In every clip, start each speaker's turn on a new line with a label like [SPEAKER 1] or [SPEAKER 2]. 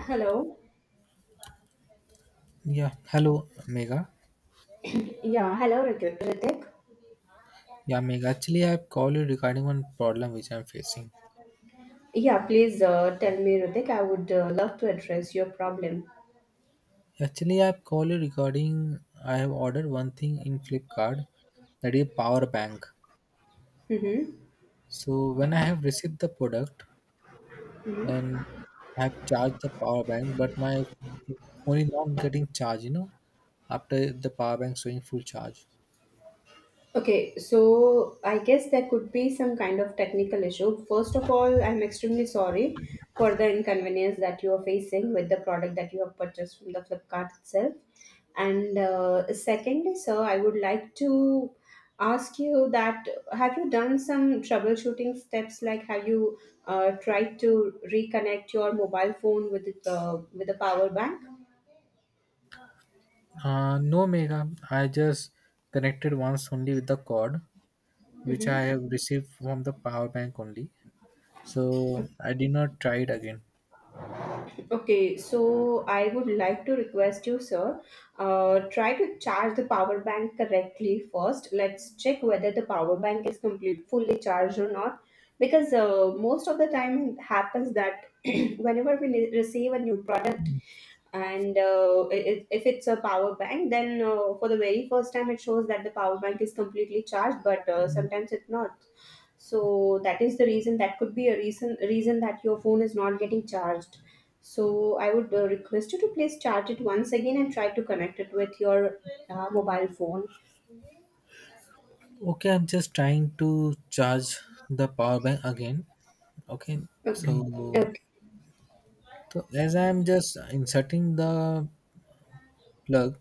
[SPEAKER 1] Hello.
[SPEAKER 2] Yeah, hello, Mega.
[SPEAKER 1] Yeah, hello, Ritik. Ritik?
[SPEAKER 2] Yeah, Mega. Actually, I've called you regarding one problem which I'm facing.
[SPEAKER 1] Yeah, please tell me, Ritik. I would love to address your problem.
[SPEAKER 2] Actually, I've called you regarding I have ordered one thing in Flipkart that is power bank.
[SPEAKER 1] Mm-hmm.
[SPEAKER 2] So when I have received the product and I've charged the power bank, but my phone is not getting charged. After the power bank showing full charge.
[SPEAKER 1] Okay, so I guess there could be some kind of technical issue. First of all, I'm extremely sorry for the inconvenience that you are facing with the product that you have purchased from the Flipkart itself. And secondly, sir, I would like to ask you that have you done some troubleshooting steps? Like, have you tried to reconnect your mobile phone with the power bank?
[SPEAKER 2] No, Mega. I just connected once only with the cord which I have received from the power bank only, so I did not try it again.
[SPEAKER 1] Okay, so I would like to request you, sir, try to charge the power bank correctly first. Let's check whether the power bank is complete, fully charged or not. Because most of the time it happens that whenever receive a new product, and if it's a power bank then for the very first time it shows that the power bank is completely charged but sometimes it's not. So that is the reason, that could be a reason that your phone is not getting charged. So I would request you to please charge it once again and try to connect it with your mobile phone.
[SPEAKER 2] Okay, I'm just trying to charge the power bank again. Okay. Mm.
[SPEAKER 1] Okay,
[SPEAKER 2] so,
[SPEAKER 1] okay.
[SPEAKER 2] so as I'm just inserting the plug,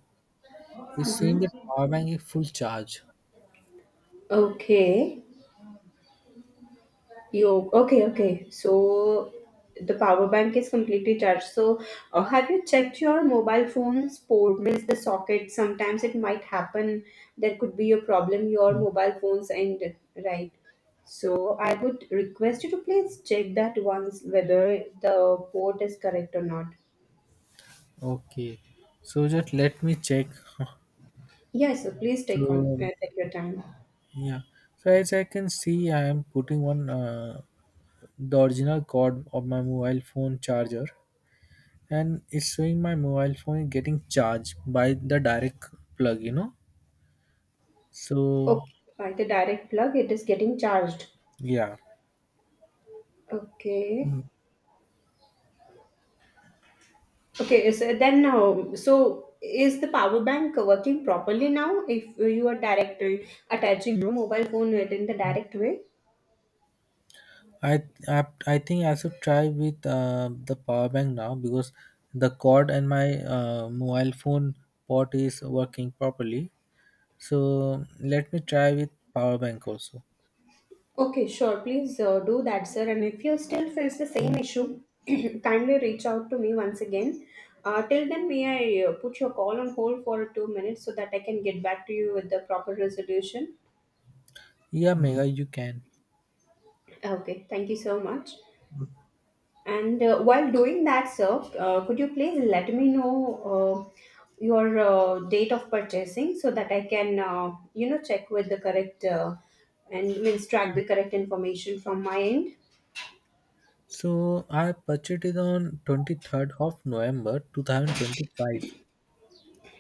[SPEAKER 2] it's showing that
[SPEAKER 1] Mhm.
[SPEAKER 2] power bank is full charge.
[SPEAKER 1] Okay. You okay? Okay. So the power bank is completely charged. So have you checked your mobile phone's port? Means the socket. Sometimes it might happen. There could be a problem. Your
[SPEAKER 2] Mm.
[SPEAKER 1] mobile phone's end, right? So I would request you to please check that once whether the port is correct or not.
[SPEAKER 2] Okay, so just let me check.
[SPEAKER 1] Yes. So please
[SPEAKER 2] So
[SPEAKER 1] take your time.
[SPEAKER 2] yeah, so as I can see, I am putting one the original cord of my mobile phone charger, and it's showing my mobile phone is getting charged by the direct plug. So
[SPEAKER 1] Okay. By the direct plug, it is getting charged.
[SPEAKER 2] yeah.
[SPEAKER 1] Okay.
[SPEAKER 2] Mm.
[SPEAKER 1] Okay, so then so is the power bank working properly now if you are directly attaching your mobile phone within the
[SPEAKER 2] Mm.
[SPEAKER 1] direct way?
[SPEAKER 2] I think I should try with the power bank now, because the cord and my mobile phone port is working properly. So let me try with power bank also.
[SPEAKER 1] Okay, sure. Please do that, sir. And if you still face the same
[SPEAKER 2] Mm.
[SPEAKER 1] issue, kindly reach out to me once again. Till then, may I put your call on hold for 2 minutes so that I can get back to you with the proper resolution?
[SPEAKER 2] Yeah, Mm, Mega, you can.
[SPEAKER 1] Okay, thank you so much. And while doing that, sir, could you please let me know uh, your date of purchasing so that I can, check with the correct and means track the correct information from my end.
[SPEAKER 2] So I purchased it on 23rd of November 2025.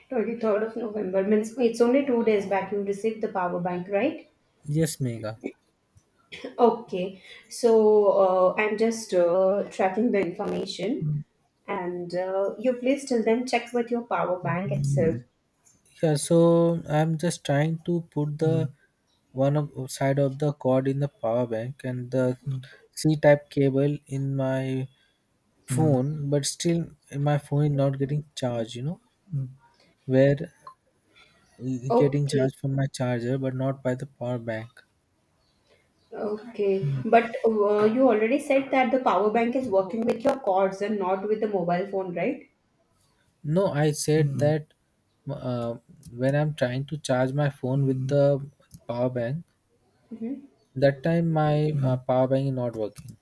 [SPEAKER 1] 23rd of November means it's only 2 days back you received the power bank, right?
[SPEAKER 2] Yes, Mega.
[SPEAKER 1] Okay, so I'm just tracking the information,
[SPEAKER 2] Mm.
[SPEAKER 1] and you please till then check with your power bank itself.
[SPEAKER 2] Mm. Yeah, so I'm just trying to put the one of side of the cord in the power bank and the c-type cable in my phone, but still my phone is not getting charged. mm, where it's getting
[SPEAKER 1] Okay.
[SPEAKER 2] charged from my charger but not by the power bank.
[SPEAKER 1] Okay,
[SPEAKER 2] mm,
[SPEAKER 1] but you already said that the power bank is working with your cords and not with the mobile phone, right?
[SPEAKER 2] no, I said that uh, when I'm trying to charge my phone with the power bank,
[SPEAKER 1] Mm-hmm.
[SPEAKER 2] that time my power bank is not working,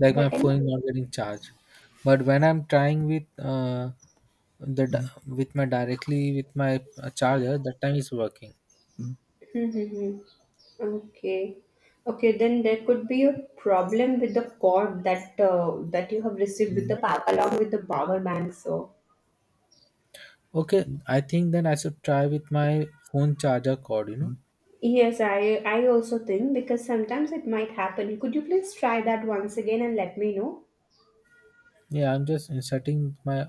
[SPEAKER 2] like my
[SPEAKER 1] That time,
[SPEAKER 2] phone is not getting charged. But when I'm trying with uh, The Mm, with my directly with my charger, that time is working. mm,
[SPEAKER 1] mm-hmm. Okay. Okay, then there could be a problem with the cord that you have received with
[SPEAKER 2] mm,
[SPEAKER 1] the power along with the power bank. So
[SPEAKER 2] Okay, I think then I should try with my phone charger cord.
[SPEAKER 1] yes, I also think because sometimes it might happen. Could you please try that once again and let me know?
[SPEAKER 2] Yeah, I'm just inserting my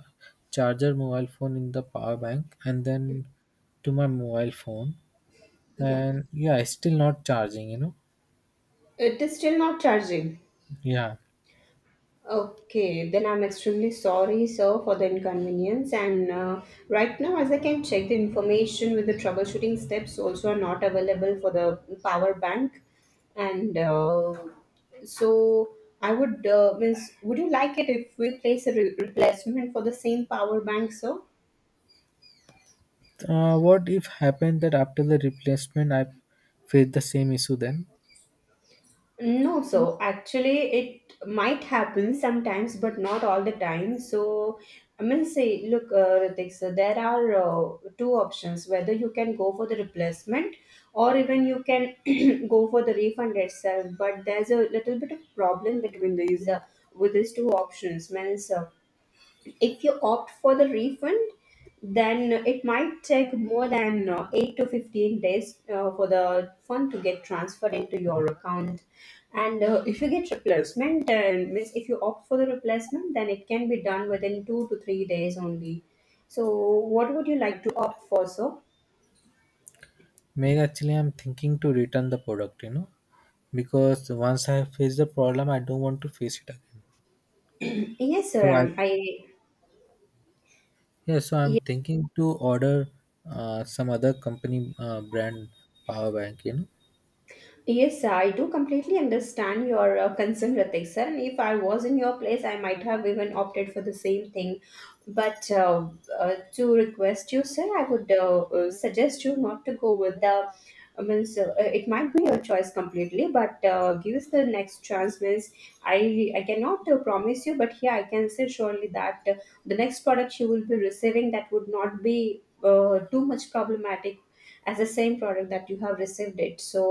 [SPEAKER 2] charger mobile phone in the power bank and then to my mobile phone,
[SPEAKER 1] Yeah,
[SPEAKER 2] and yeah, it's still not charging.
[SPEAKER 1] it is still not charging.
[SPEAKER 2] Yeah.
[SPEAKER 1] Okay, then I'm extremely sorry, sir, for the inconvenience. And right now, as I can check the information with the troubleshooting steps, also are not available for the power bank. And so, I would would you like it if we place a replacement for the same power bank, sir?
[SPEAKER 2] What if happened that after the replacement I face the same issue then?
[SPEAKER 1] No, so actually it might happen sometimes, but not all the time. So I mean, say, look, Ritik, so there are two options: whether you can go for the replacement, or even you can go for the refund itself. But there's a little bit of problem between these with these two options. Means if you opt for the refund, then it might take more than 8 to 15 days for the fund to get transferred into your account. And if you get replacement, means if you opt for the replacement, then it can be done within 2 to 3 days only. So, what would you like to opt for, sir?
[SPEAKER 2] Maybe actually I'm thinking to return the product. Because once I face the problem, I don't want to face it again.
[SPEAKER 1] Yes, sir.
[SPEAKER 2] So I
[SPEAKER 1] I.
[SPEAKER 2] Yeah, so I'm thinking to order some other company brand power bank. You
[SPEAKER 1] Yes, I do completely understand your concern, Ratik sir. And if I was in your place, I might have even opted for the same thing. But to request you, sir, I would suggest you not to go with the. I means it might be your choice completely, but give us the next chance. Means I cannot promise you, but yeah, I can say surely that the next product you will be receiving that would not be too much problematic as the same product that you have received it. So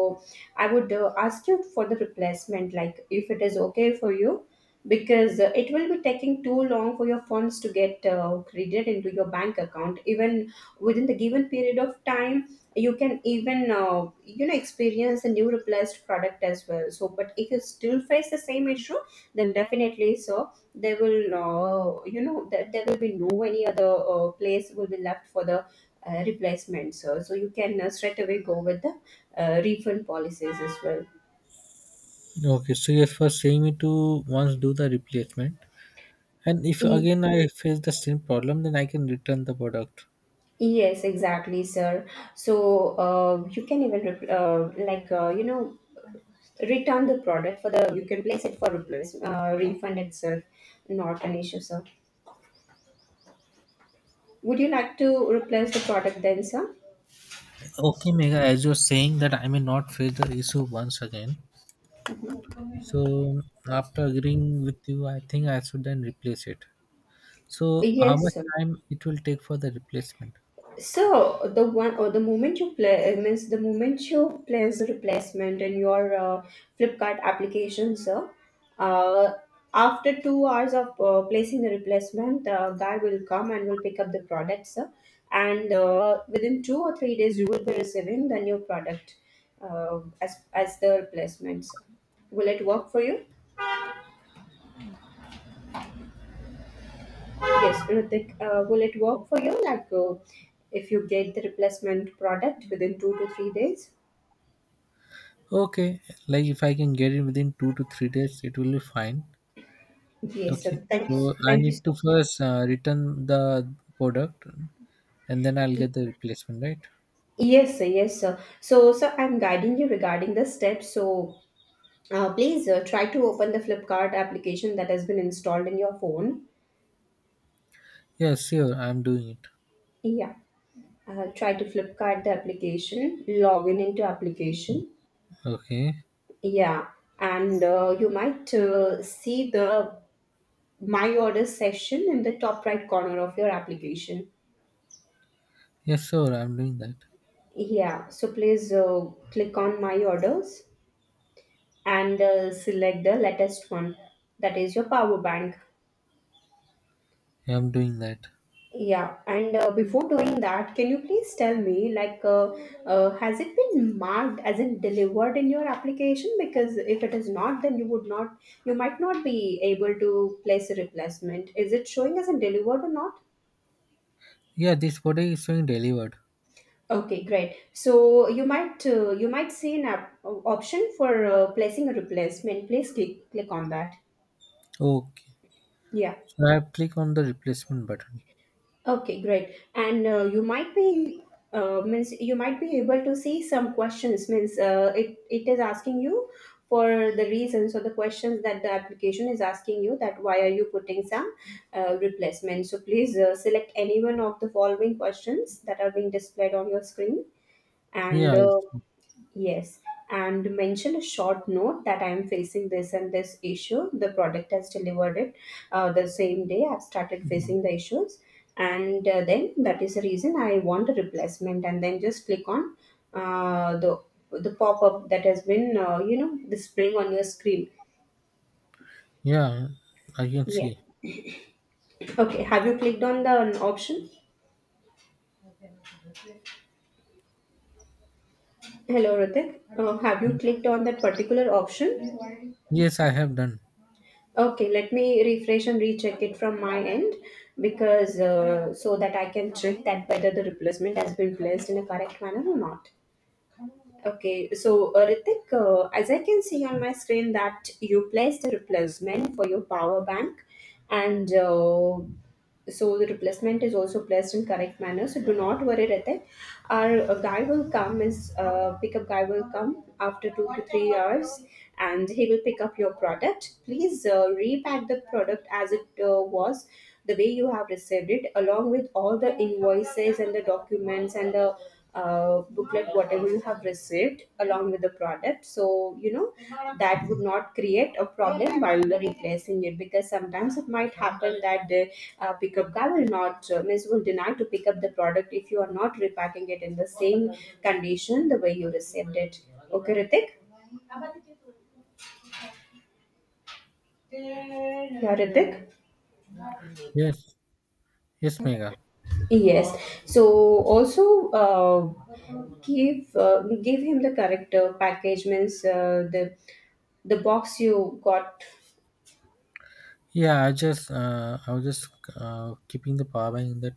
[SPEAKER 1] I would ask you for the replacement, like if it is okay for you, because it will be taking too long for your funds to get credited into your bank account. Even within the given period of time, you can even experience a new replaced product as well. So, but if you still face the same issue, then definitely so there will there will be no any other place will be left for the replacement. So, so you can straight away go with the refund policies as well.
[SPEAKER 2] know. Okay, so yes, first saying me to once do the replacement, and if
[SPEAKER 1] Ye-
[SPEAKER 2] again I face the same problem, then I can return the product.
[SPEAKER 1] Yes, exactly, sir. So you can even return the product for the you can place it for replace refund itself, not an issue, sir. Would you like to replace the product then, sir?
[SPEAKER 2] Okay, Mega, as you're saying that I may not face the issue once again. So after agreeing with you, I think I should then replace it. So how
[SPEAKER 1] Yes,
[SPEAKER 2] much
[SPEAKER 1] sir.
[SPEAKER 2] time it will take for the replacement?
[SPEAKER 1] So the one or the moment you play means the moment you place the replacement in your Flipkart application, sir. Uh, After 2 hours of placing the replacement, the guy will come and will pick up the product, sir. And within 2 or 3 days, you will be receiving the new product as the replacement, sir. Will it work for you? Yes, Ritik, will it work for you? Like if you get the replacement product within 2 to 3 days?
[SPEAKER 2] Okay, like if I can get it within 2 to 3 days, it will be fine.
[SPEAKER 1] Yes,
[SPEAKER 2] Okay,
[SPEAKER 1] sir. Thank
[SPEAKER 2] so
[SPEAKER 1] you.
[SPEAKER 2] I
[SPEAKER 1] Thank you
[SPEAKER 2] need
[SPEAKER 1] so
[SPEAKER 2] to
[SPEAKER 1] much.
[SPEAKER 2] first return the product, and then I'll get the replacement, right?
[SPEAKER 1] Yes, sir. Yes, sir. So, sir, I'm guiding you regarding the steps. So, please try to open the Flipkart application that has been installed in your phone.
[SPEAKER 2] Yeah, sure, I'm doing it.
[SPEAKER 1] Yeah. Try to Flipkart the application, log in into application.
[SPEAKER 2] Okay,
[SPEAKER 1] Yeah. And you might see the My Order session in the top right corner of your application.
[SPEAKER 2] yes, sure, I'm doing that.
[SPEAKER 1] Yeah. So, please click on My Orders and select the latest one that is your power bank.
[SPEAKER 2] Yeah, I'm doing that.
[SPEAKER 1] Yeah, and before doing that can you please tell me, like has it been marked as in delivered in your application? Because if it is not then you might not be able to place a replacement. Is it showing as in delivered or not?
[SPEAKER 2] Yeah, this product is being delivered.
[SPEAKER 1] Okay, great. So you might see option for placing a replacement. Please click on that.
[SPEAKER 2] Okay,
[SPEAKER 1] Yeah.
[SPEAKER 2] so I have click on the replacement button.
[SPEAKER 1] Okay, great. And you might be means you might be able to see some questions. Means it is asking you for the reasons or the questions that the application is asking you, that why are you putting some replacement. So please select any one of the following questions that are being displayed on your screen, and
[SPEAKER 2] Yeah, I-
[SPEAKER 1] yes, and mention a short note that I am facing this and this issue. The product has delivered it the same day. I've started facing the issues, and then that is the reason I want a replacement. And then just click on uh, the the pop up that has been displaying on your screen.
[SPEAKER 2] yeah, I can
[SPEAKER 1] Yeah.
[SPEAKER 2] see.
[SPEAKER 1] Okay. Have you clicked on the option? Hello, Ritik. Have you clicked on that particular option?
[SPEAKER 2] Yes, I have done.
[SPEAKER 1] Okay, let me refresh and recheck it from my end because so that I can check that whether the replacement has been placed in a correct manner or not. Okay, so Ritik, as I can see on my screen that you placed a replacement for your power bank, and the replacement is also placed in correct manner. So do not worry, Ritik. Our guy will come is pickup guy will come after 2 to 3 hours, and he will pick up your product. Please repack the product as it was, the way you have received it, along with all the invoices and the documents and the booklet, whatever you have received along with the product, so you know that would not create a problem while replacing it, because sometimes it might happen that the pickup guy will not means will deny to pick up the product if you are not repacking it in the same condition the way you received it. Okay, Ritik? Yeah, Ritik?
[SPEAKER 2] Yes, yes, Mega.
[SPEAKER 1] Yes, so also uh, give uh, give him the correct package, means the box you got.
[SPEAKER 2] I was just keeping the power bank in that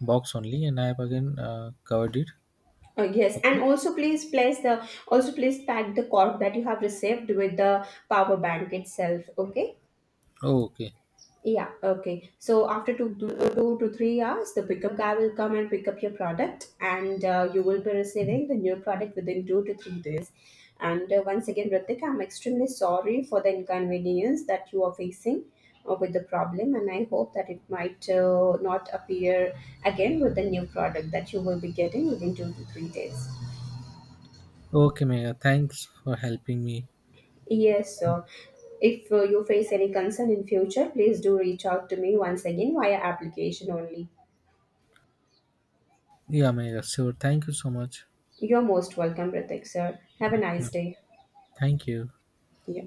[SPEAKER 2] box only, and I have again covered it.
[SPEAKER 1] Yes,
[SPEAKER 2] Okay.
[SPEAKER 1] and also please pack the cork that you have received with the power bank itself. Okay.
[SPEAKER 2] Oh, okay.
[SPEAKER 1] Yeah. Okay. So after 2 to 3 hours, the pickup guy will come and pick up your product, and you will be receiving the new product within 2 to 3 days. And once again, Ritik, I'm extremely sorry for the inconvenience that you are facing with the problem, and I hope that it might not appear again with the new product that you will be getting within 2 to 3 days.
[SPEAKER 2] Okay, Mega. Thanks for helping me.
[SPEAKER 1] Yes, sir. If you face any concern in future, please do reach out to me once again via application only.
[SPEAKER 2] Yeah, Mega. Sure. Thank you so much.
[SPEAKER 1] You're most welcome, Ritik, sir. Have a
[SPEAKER 2] Yeah.
[SPEAKER 1] nice day.
[SPEAKER 2] Thank you.
[SPEAKER 1] Yeah.